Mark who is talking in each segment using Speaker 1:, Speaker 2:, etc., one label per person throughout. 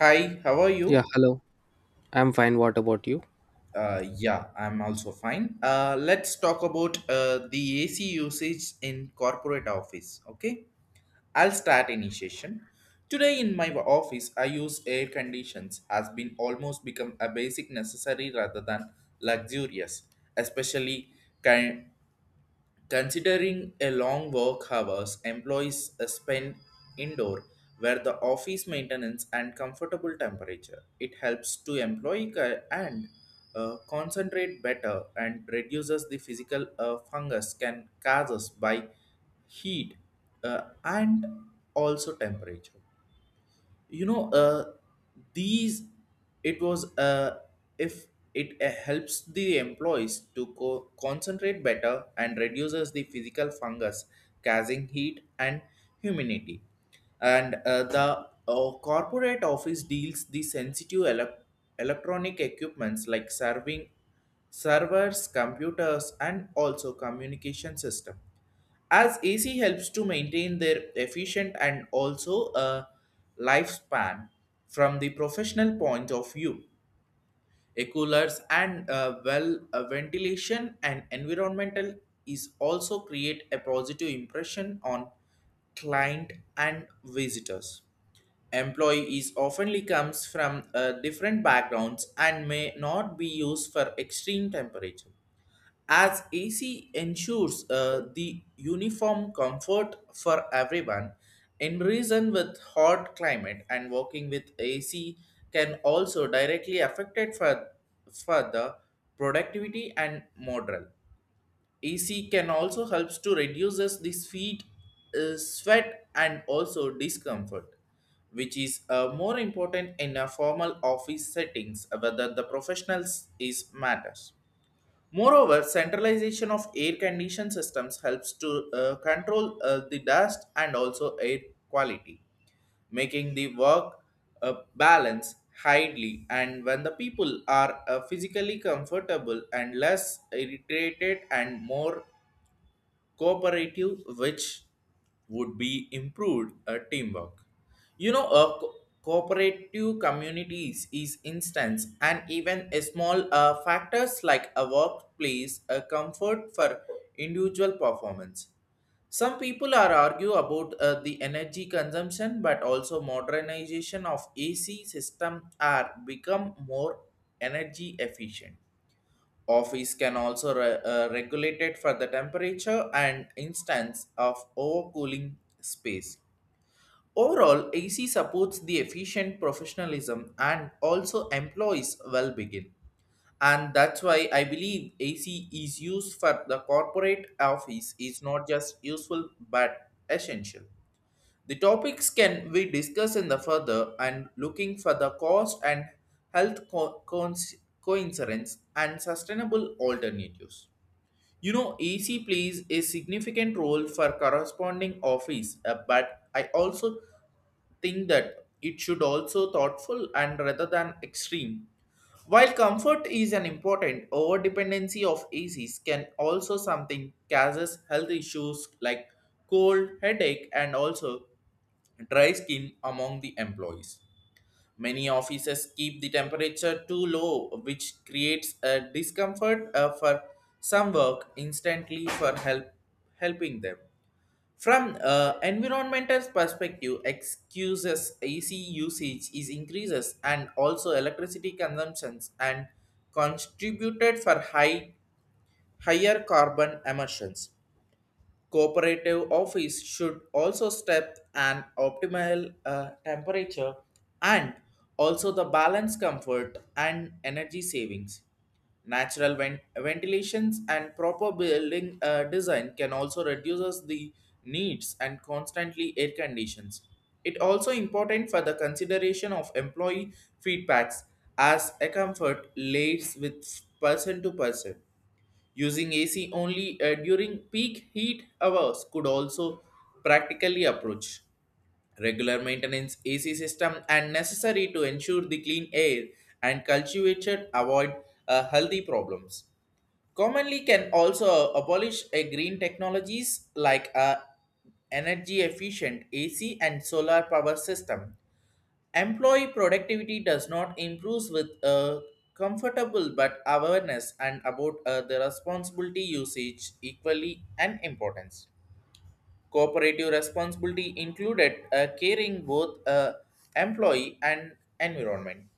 Speaker 1: Hi, how are
Speaker 2: Yeah,
Speaker 1: you?
Speaker 2: hello. I'm fine. What about you?
Speaker 1: Yeah, I'm also fine. Let's talk about the AC usage in corporate office. Okay, I'll start initiation. Today in my office, I use air conditions has been almost become a basic necessary rather than luxurious, especially ki- considering a long work hours, employees spend indoor where the office maintenance and comfortable temperature. It helps to employee co- and concentrate better and reduces the physical fungus can causes by heat and also temperature you know these it was if it helps the employees to concentrate better and reduces the physical fungus causing heat and humidity and the corporate office deals the sensitive electronic equipments like serving servers computers and also communication system as AC helps to maintain their efficient and also a lifespan from the professional point of view. A coolers and ventilation and environmental is also create a positive impression on client and visitors. Employee is oftenly comes from different backgrounds and may not be used for extreme temperature as AC ensures the uniform comfort for everyone, in reason with hot climate and working with AC can also directly affect it for the productivity and morale. AC can also helps to reduce us the sweat and also discomfort, which is more important in a formal office settings whether the professionals is matters. Moreover, centralization of air conditioned systems helps to control the dust and also air quality, making the work balance highly. And when the people are physically comfortable and less irritated and more cooperative which would be improved teamwork a cooperative communities is instance and even a small factors like a workplace a comfort for individual performance some people are argue about the energy consumption but also modernization of ac system are become more energy efficient Office can also regulate it for the temperature and instance of overcooling space. Overall, AC supports the efficient professionalism and also employees well-being. And that's why I believe AC is used for the corporate office is not just useful but essential. The topics can be discussed in the further and looking for the cost and health coincidence and sustainable alternatives. You know, EC plays a significant role for corresponding office, but I also think that it should also thoughtful and rather than extreme. While comfort is an important, overdependency of ACs can also something causes health issues like cold, headache, and also dry skin among the employees. Many offices keep the temperature too low, which creates a discomfort for some work instantly for help helping them. From environmental perspective, excuses AC usage is increases and also electricity consumptions and contributed for higher carbon emissions cooperative office should also step an optimal temperature and also the balance comfort and energy savings natural ventilations and proper building design can also reduces the needs and constantly air conditions it also important for the consideration of employee feedbacks as a comfort lays with person to person Using AC only during peak heat hours could also practically approach regular maintenance AC system and necessary to ensure the clean air and cultivated avoid healthy problems. Commonly can also abolish a green technologies like a energy efficient AC and solar power system Employee productivity does not improve with a comfortable but awareness and about the responsibility usage equally and importance. Cooperative responsibility included caring both employee and environment.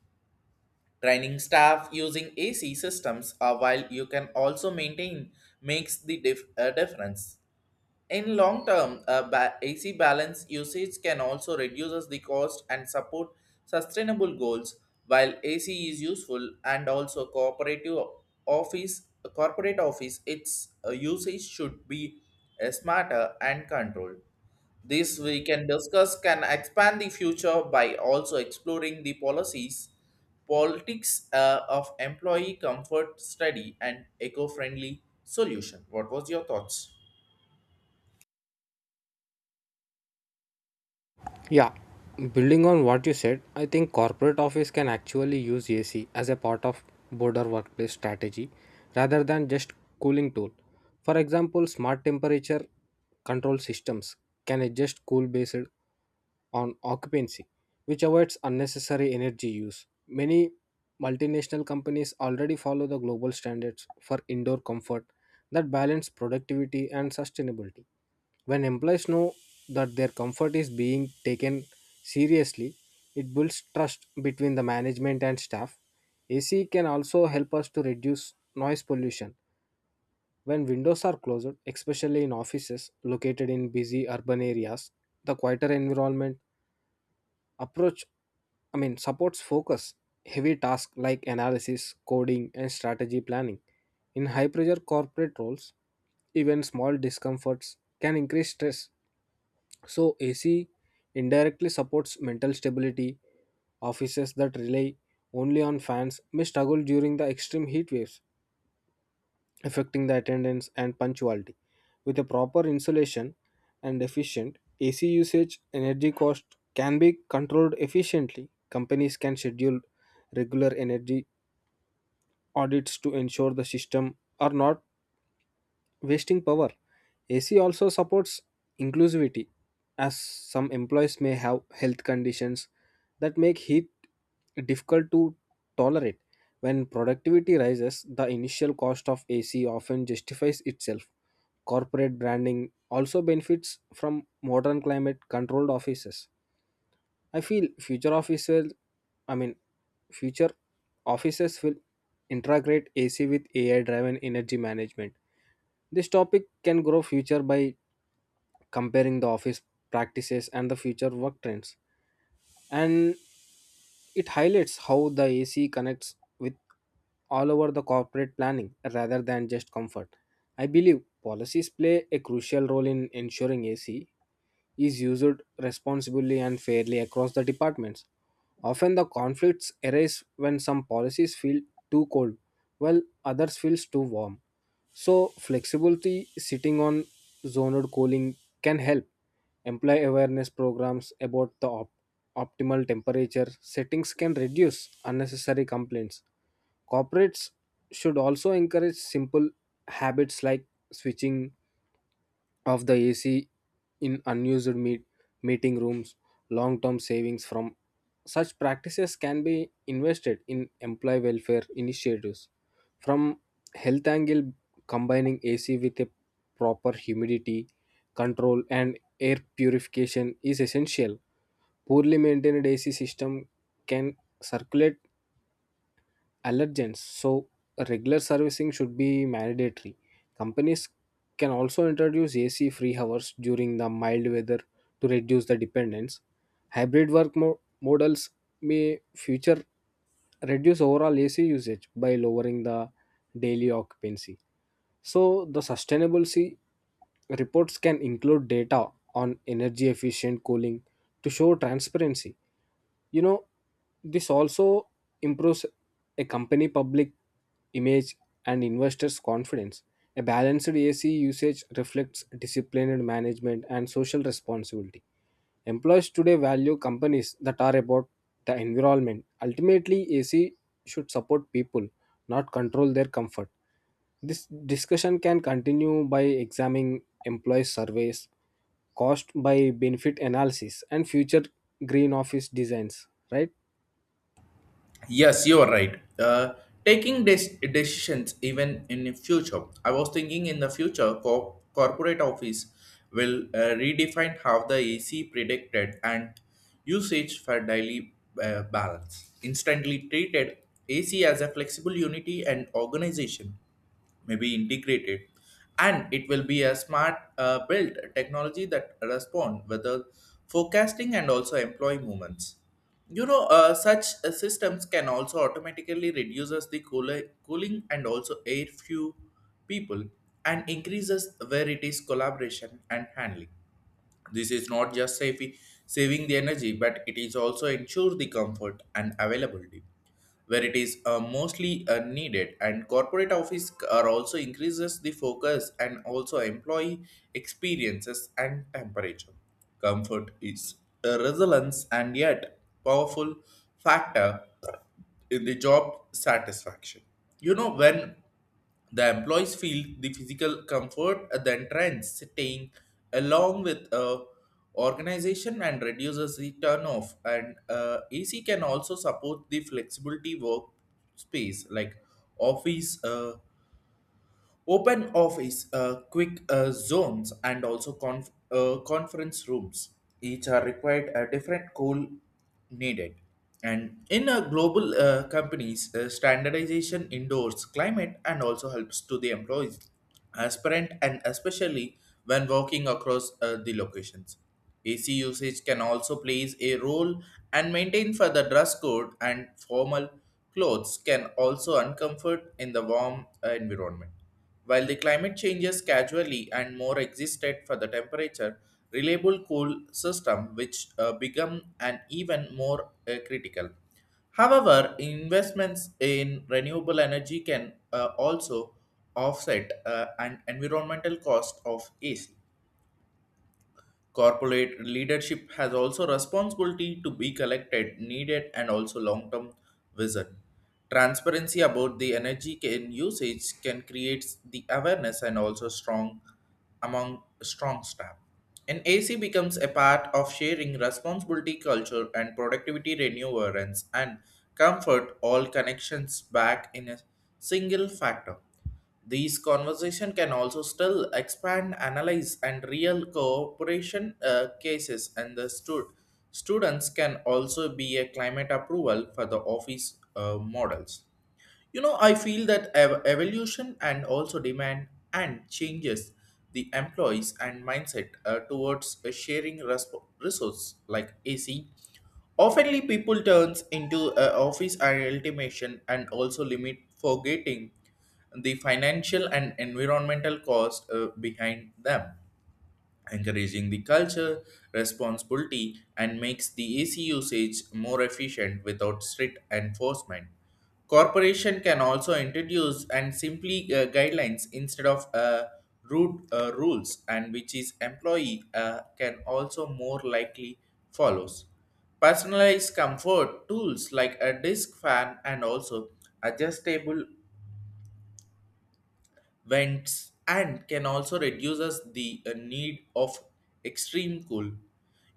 Speaker 1: Training staff using AC systems while you can also maintain makes the difference in long term, a AC balance usage can also reduces the cost and support sustainable goals. While AC is useful and also cooperative office, corporate office, its usage should be smarter and controlled. This we can discuss can expand the future by also exploring the policies, politics of employee comfort study and eco-friendly solution. What was your thoughts?
Speaker 2: Yeah, building on what you said, I think corporate office can actually use AC as a part of broader workplace strategy rather than just cooling tool. For example, smart temperature control systems can adjust cool based on occupancy, which avoids unnecessary energy use. Many multinational companies already follow the global standards for indoor comfort that balance productivity and sustainability. When employees know that their comfort is being taken seriously, it builds trust between the management and staff. AC can also help us to reduce noise pollution. When windows are closed, especially in offices located in busy urban areas, the quieter environment approach supports focus, heavy tasks like analysis, coding and strategy planning. In high pressure corporate roles, even small discomforts can increase stress, so AC indirectly supports mental stability. Offices that rely only on fans may struggle during the extreme heat waves, affecting the attendance and punctuality. With a proper insulation and efficient AC usage, energy cost can be controlled efficiently. Companies can schedule regular energy audits to ensure the system are not wasting power. AC also supports inclusivity, as some employees may have health conditions that make heat difficult to tolerate. When productivity rises, the initial cost of AC often justifies itself. Corporate branding also benefits from modern climate controlled offices. I feel future offices, I mean, Future offices will integrate AC with AI driven energy management. This topic can grow future by comparing the office practices and the future work trends. And it highlights how the AC connects with all over the corporate planning rather than just comfort. I believe policies play a crucial role in ensuring AC is used responsibly and fairly across the departments. Often the conflicts arise when some policies feel too cold while others feel too warm. So, flexibility sitting on zoned cooling can help. Employee awareness programs about the optimal temperature settings can reduce unnecessary complaints. Corporates should also encourage simple habits like switching of the AC in meeting rooms. Long term savings from such practices can be invested in employee welfare initiatives. From health angle, combining AC with a proper humidity control and air purification is essential. Poorly maintained AC system can circulate allergens, so regular servicing should be mandatory. Companies can also introduce AC free hours during the mild weather to reduce the dependence. Hybrid work models may future reduce overall AC usage by lowering the daily occupancy, so the sustainability reports can include data on energy efficient cooling to show transparency. You know, this also improves a company public image and investors confidence. A balanced AC usage reflects disciplined management and social responsibility. Employees today value companies that are about the environment. Ultimately, AC should support people, not control their comfort. This discussion can continue by examining employee surveys, cost by benefit analysis, and future green office designs, right?
Speaker 1: Yes, you are right. Taking decisions even in the future. I was thinking in the future, corporate office will redefine how the AC predicted and usage for daily balance. Instantly treated AC as a flexible unity and organization maybe integrated and it will be a smart built technology that respond whether forecasting and also employee movements such systems can also automatically reduces the cooling and also air few people and increases where it is collaboration and handling this is not just saving the energy, but it is also ensure the comfort and availability where it is mostly needed and corporate office are also increases the focus and also employee experiences and temperature comfort is a resilience and yet powerful factor in the job satisfaction you know when the employees feel the physical comfort than trends staying along with organization and reduces the turnoff. And AC can also support the flexibility work space like office. Open office, quick zones, and also conference rooms. Each are required a different goal needed. And in a global companies, standardization indoors climate and also helps to the employees, aspirant, and especially when working across the locations. AC usage can also plays a role and maintain for the dress code and formal clothes can also uncomfort in the warm environment. While the climate changes casually and more existed for the temperature, reliable cool system which become an even more critical. However, investments in renewable energy can also offset an environmental cost of AC. Corporate leadership has also responsibility to be collected, needed, and also long-term vision. Transparency about the energy can usage can create the awareness and also strong among strong staff. And AC becomes a part of sharing responsibility culture and productivity renewance and comfort all connections back in a single factor. These conversation can also still expand, analyze, and real cooperation cases, and the students can also be a climate approval for the office models. You know, I feel that evolution and also demand and changes the employees and mindset towards a sharing resource like AC. Oftenly, people turns into a office and ultimation and also limit forgetting the financial and environmental cost behind them encouraging the culture responsibility and makes the AC usage more efficient without strict enforcement. Corporation can also introduce and simply guidelines instead of rude rules, and which is employee can also more likely follows. Personalized comfort tools like a disk fan and also adjustable vents and can also reduce us the need of extreme cool.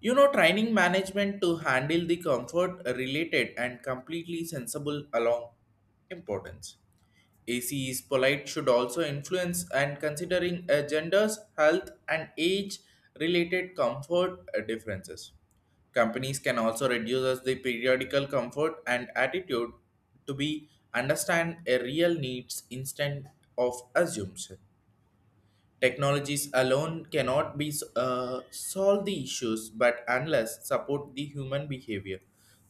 Speaker 1: You know, training management to handle the comfort related and completely sensible along importance. AC is polite should also influence and considering a gender's health and age related comfort differences. Companies can also reduce us the periodical comfort and attitude to be understand a real needs instead of assumption. Technologies alone cannot be solve the issues, but unless support the human behavior.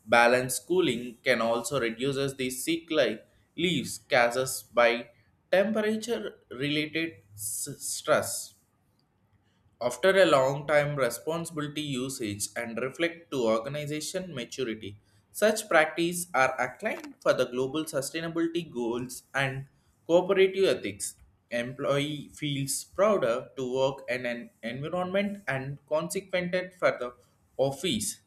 Speaker 1: Balanced cooling can also reduces the sick leaves causes by temperature-related stress. After a long time, responsibility usage and reflect to organization maturity. Such practices are outlined for the global sustainability goals and cooperative ethics. Employee feels prouder to work in an environment and consequent for the office.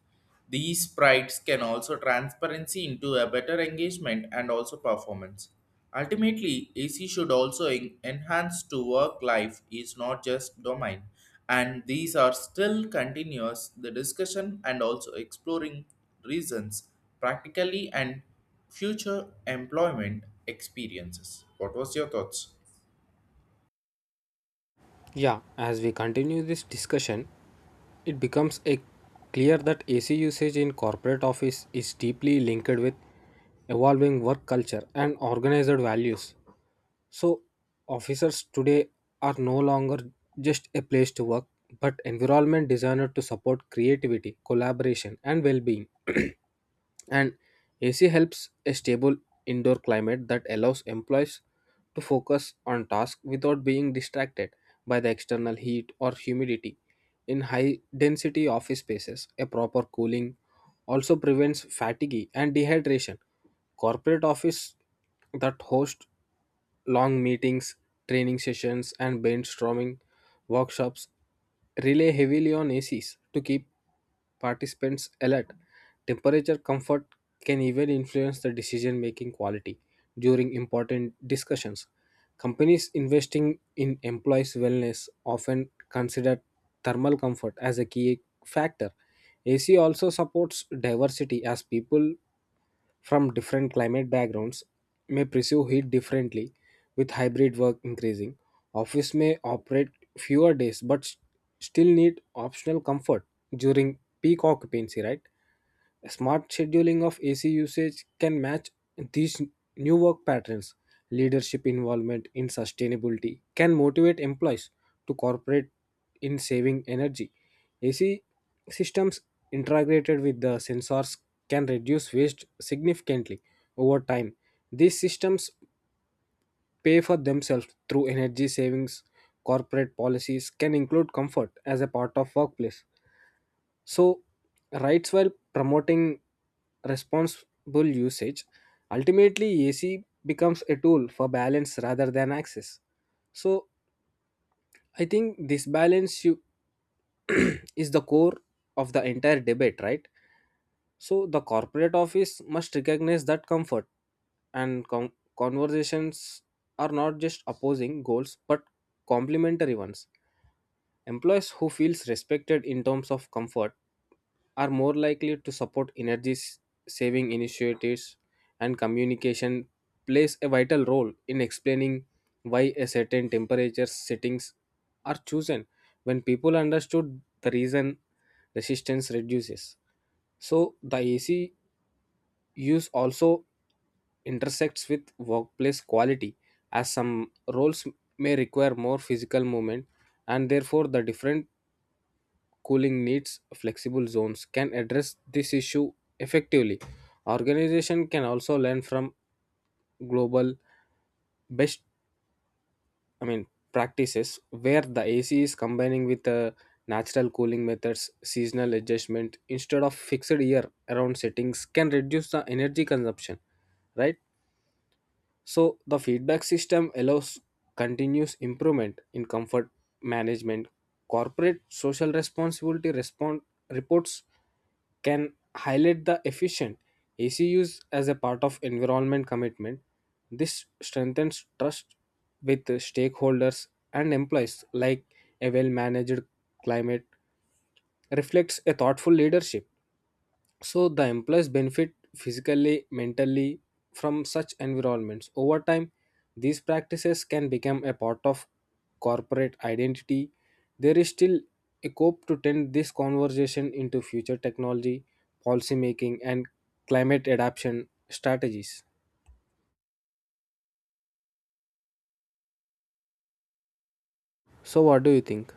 Speaker 1: These sprites can also transparency into a better engagement and also performance. Ultimately, AC should also enhance to work life is not just domain, and these are still continuous the discussion and also exploring reasons practically and future employment experiences. What was your thoughts?
Speaker 2: Yeah, as we continue this discussion, it becomes a clear that AC usage in corporate office is deeply linked with evolving work culture and organized values. So, officers today are no longer just a place to work, but environment designed to support creativity, collaboration, and well being. And AC helps a stable indoor climate that allows employees to focus on tasks without being distracted by the external heat or humidity. In high density office spaces, a proper cooling also prevents fatigue and dehydration. Corporate office that host long meetings, training sessions, and brainstorming workshops rely heavily on ACs to keep participants alert. Temperature comfort can even influence the decision making quality during important discussions. Companies investing in employees' wellness often consider thermal comfort as a key factor. AC also supports diversity as people from different climate backgrounds may pursue heat differently. With hybrid work increasing, office may operate fewer days but still need optional comfort during peak occupancy, right? Smart scheduling of AC usage can match these new work patterns. Leadership involvement in sustainability can motivate employees to cooperate in saving energy. AC systems integrated with the sensors can reduce waste significantly over time. These systems pay for themselves through energy savings. Corporate policies can include comfort as a part of workplace, so rights while promoting responsible usage. Ultimately, AC becomes a tool for balance rather than access. So, I think this balance you is the core of the entire debate, right? So, the corporate office must recognize that comfort and conversations are not just opposing goals but complementary ones. Employees who feels respected in terms of comfort are more likely to support energy saving initiatives, and communication plays a vital role in explaining why a certain temperature settings are chosen. When people understood the reason, resistance reduces. So the AC use also intersects with workplace quality as some roles may require more physical movement and therefore the different cooling needs. Flexible zones can address this issue effectively. Organization can also learn from global best, i mean practices where the AC is combining with natural cooling methods. Seasonal adjustment instead of fixed year around settings can reduce the energy consumption, right? So the feedback system allows continuous improvement in comfort management. Corporate social responsibility respond reports can highlight the efficient AC ACUs as a part of environment commitment. This strengthens trust with stakeholders and employees like a well managed climate reflects a thoughtful leadership, so the employees benefit physically, mentally from such environments. Over time, these practices can become a part of corporate identity. There is still a hope to turn this conversation into future technology, policy making, and climate adaptation strategies. So, what do you think?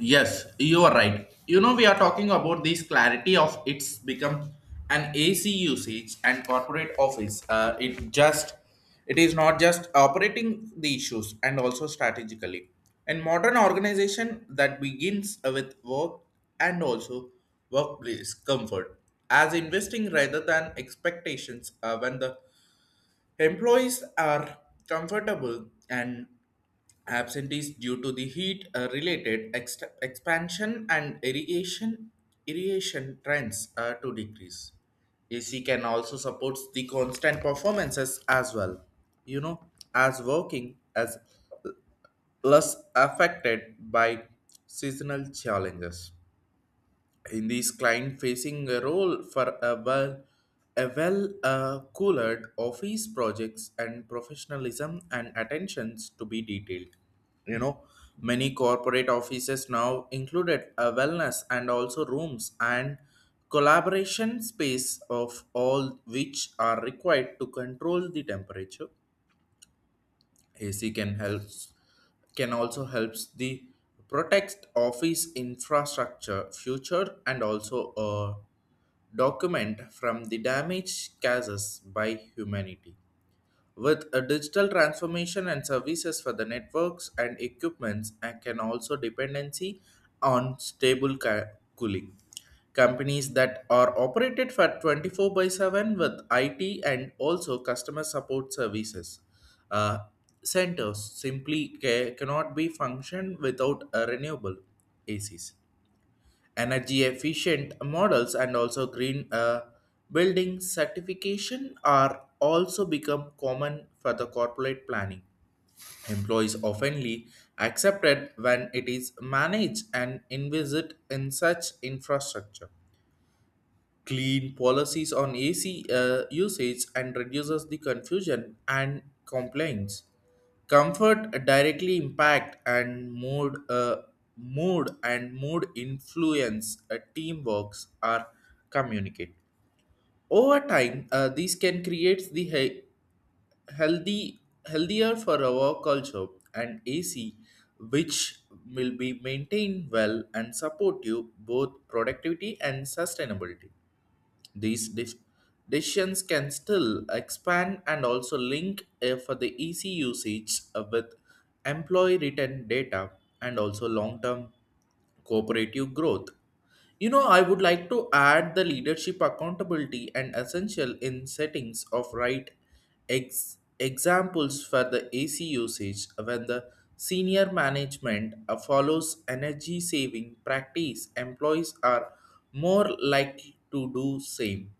Speaker 1: Yes, you are right. You know, we are talking about this clarity of it's become an AC usage and corporate office. It just it is not just operating the issues and also strategically. And modern organization that begins with work and also workplace comfort as investing rather than expectations when the employees are comfortable and absentees due to the heat related expansion and irrigation trends to decrease ac can also supports the constant performances as well you know as working as less affected by seasonal challenges in this client facing role for a well coolered office projects and professionalism and attentions to be detailed you know many corporate offices now included a wellness and also rooms and collaboration space of all which are required to control the temperature AC can also helps the protect office infrastructure future and also document from the damage cases by humanity with a digital transformation and services for the networks and equipments, and can also dependency on stable cooling. Companies that are operated for 24 by 7 with IT and also customer support services. Uh, Centers simply cannot be functioned without a renewable ACs energy efficient models and also green building certification are also become common for the corporate planning employees oftenly accepted when it is managed and invested in such infrastructure clean policies on AC usage and reduces the confusion and complaints. Comfort directly impact and mood, mood and mood influence teamworks are communicate. Over time, these can create the healthy healthier for our culture and AC, which will be maintained well and supportive both productivity and sustainability. These decisions can still expand and also link for the easy usage with employee written data and also long term cooperative growth. You know, I would like to add the leadership accountability and essential in settings of right examples for the AC usage when the senior management follows energy saving practice, employees are more likely to do same.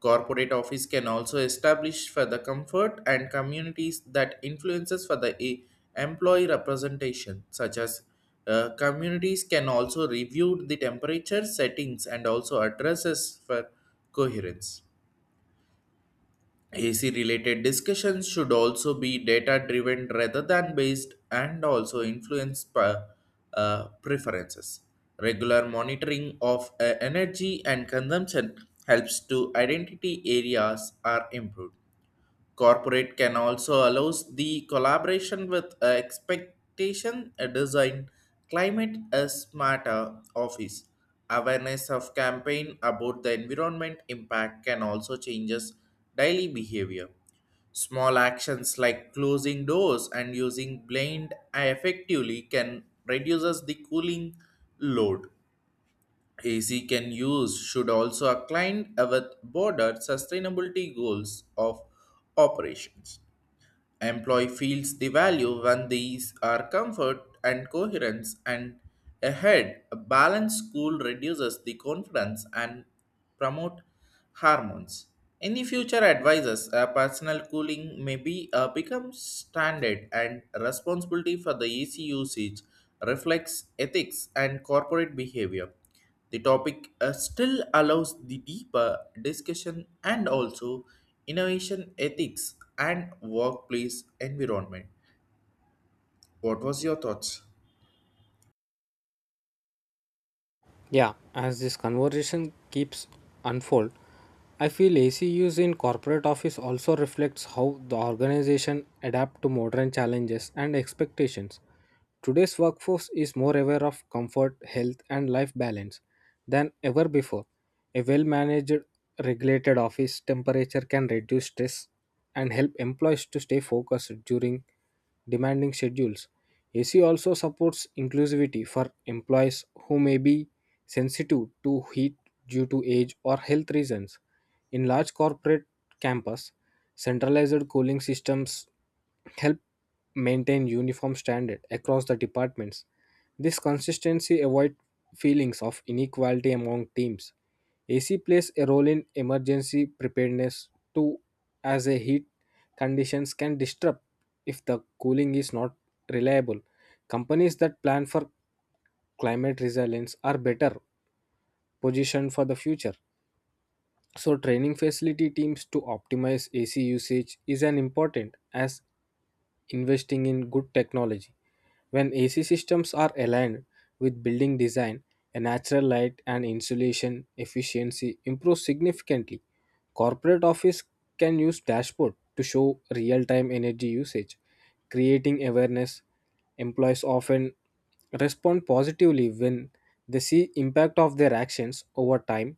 Speaker 1: Corporate office can also establish for the comfort and communities that influences for the employee representation, such as communities can also review the temperature settings and also addresses for coherence. AC related discussions should also be data driven rather than based and also influence per, preferences. Regular monitoring of energy and consumption helps to identity areas are improved corporate can also allows the collaboration with expectation a design climate a smarter office awareness of campaign about the environment impact can also changes daily behavior small actions like closing doors and using blind effectively can reduces the cooling load AC can use should also align with broader sustainability goals of operations. Employee feels the value when these are comfort and coherence and ahead. A balanced school reduces the confidence and promote hormones. In the future advisors, a personal cooling may be become standard and responsibility for the AC usage reflects ethics and corporate behavior. The topic still allows the deeper discussion and also innovation ethics and workplace environment. What was your thoughts?
Speaker 2: Yeah, as this conversation keeps unfold, I feel AC use in corporate office also reflects how the organization adapt to modern challenges and expectations. Today's workforce is more aware of comfort, health and life balance than ever before. A well-managed regulated office temperature can reduce stress and help employees to stay focused during demanding schedules. AC also supports inclusivity for employees who may be sensitive to heat due to age or health reasons. In large corporate campus, centralized cooling systems help maintain uniform standard across the departments. This consistency avoids feelings of inequality among teams. AC plays a role in emergency preparedness too, as a heat conditions can disrupt if the cooling is not reliable. Companies that plan for climate resilience are better positioned for the future. So, training facility teams to optimize AC usage is an important as investing in good technology. When AC systems are aligned with building design, a natural light and insulation efficiency improves significantly. Corporate office can use dashboard to show real-time energy usage, creating awareness. Employees often respond positively when they see impact of their actions over time.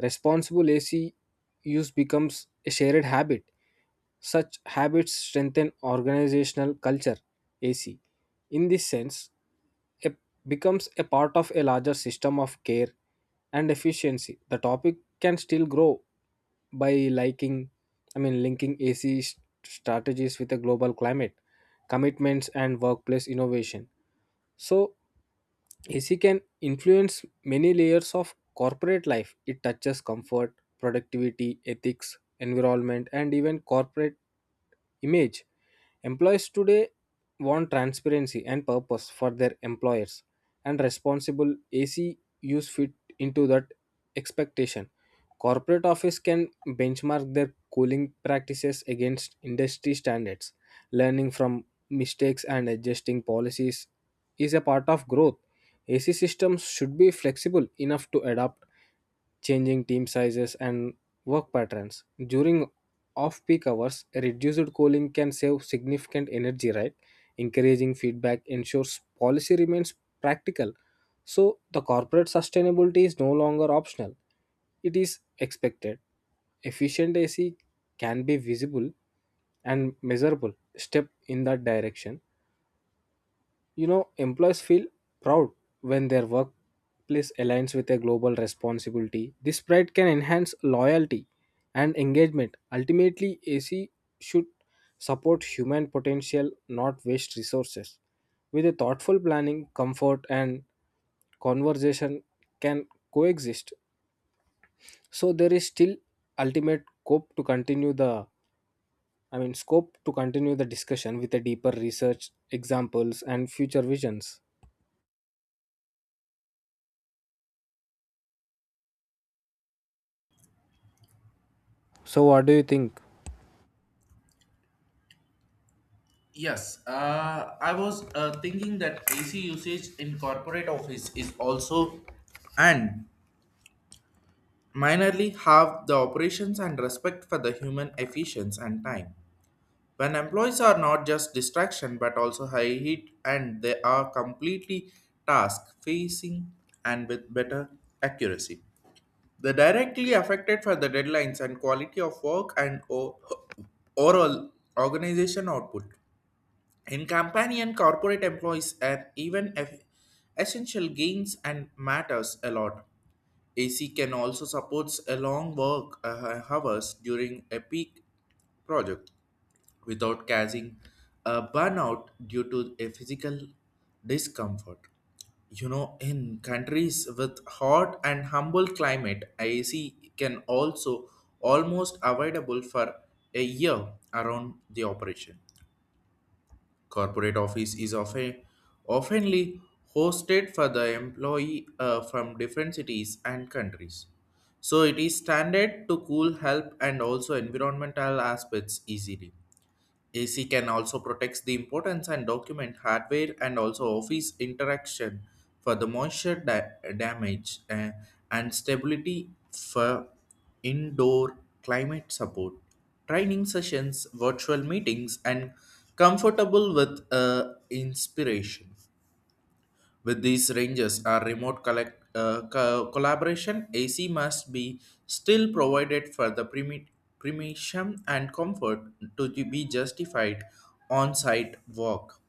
Speaker 2: Responsible AC use becomes a shared habit. Such habits strengthen organizational culture, AC. In this sense, it becomes a part of a larger system of care and efficiency. The topic can still grow by linking AC strategies with a global climate, commitments, and workplace innovation. So, AC can influence many layers of corporate life. It touches comfort, productivity, ethics, environment, and even corporate image. Employees today want transparency and purpose for their employers, and responsible AC use fit into that expectation. Corporate office can benchmark their cooling practices against industry standards. Learning from mistakes and adjusting policies is a part of growth. AC systems should be flexible enough to adapt changing team sizes and work patterns. During off peak hours, reduced cooling can save significant energy, right? Encouraging feedback ensures policy remains practical. So, the corporate sustainability is no longer optional, it is expected. Efficient AC can be visible and measurable step in that direction. You know, employees feel proud when their workplace aligns with a global responsibility. This pride can enhance loyalty and engagement. Ultimately, AC should support human potential, not waste resources. With a thoughtful planning, comfort, and conversation can coexist. So there is still ultimate scope to continue the I mean scope to continue the discussion with a deeper research, examples, and future visions. So, what do you think?
Speaker 1: Yes, I was thinking that AC usage in corporate office is also and minorly have the operations and respect for the human efficiency and time. When employees are not just distraction but also high heat and they are completely task facing and with better accuracy. They directly affected for the deadlines and quality of work and overall organization output. In companion corporate employees and even essential gains and matters a lot. AC can also supports a long work hours during a peak project without causing a burnout due to a physical discomfort. You know, in countries with hot and humble climate, IAC can also almost avoidable for a year around the operation. Corporate office is oftenly hosted for the employee from different cities and countries. So it is standard to cool help and also environmental aspects easily AC can also protects the importance and document hardware and also office interaction for the moisture damage and stability for indoor climate support. Training sessions, virtual meetings, and comfortable with inspiration. With these ranges, our remote collaboration AC must be still provided for the premium and comfort to be justified on-site work.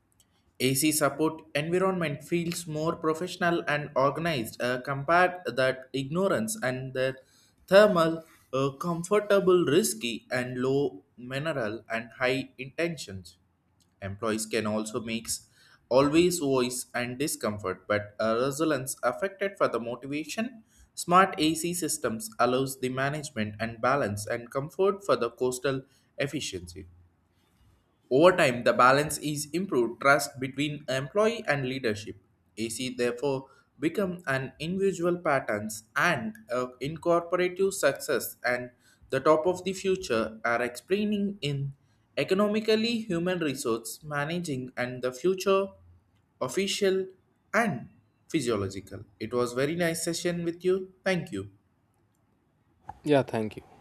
Speaker 1: AC support environment feels more professional and organized compared that ignorance and the thermal comfortable risky and low mineral and high intentions. Employees can also mix always voice and discomfort, but a resilience affected for the motivation. Smart AC systems allows the management and balance and comfort for the coastal efficiency. Over time, the balance is improved trust between employee and leadership. AC therefore become an individual patterns and a incorporative success and the top of the future are explaining in economically human resource managing and the future official and physiological. It was very nice session with you. Thank you.
Speaker 2: Yeah, thank you.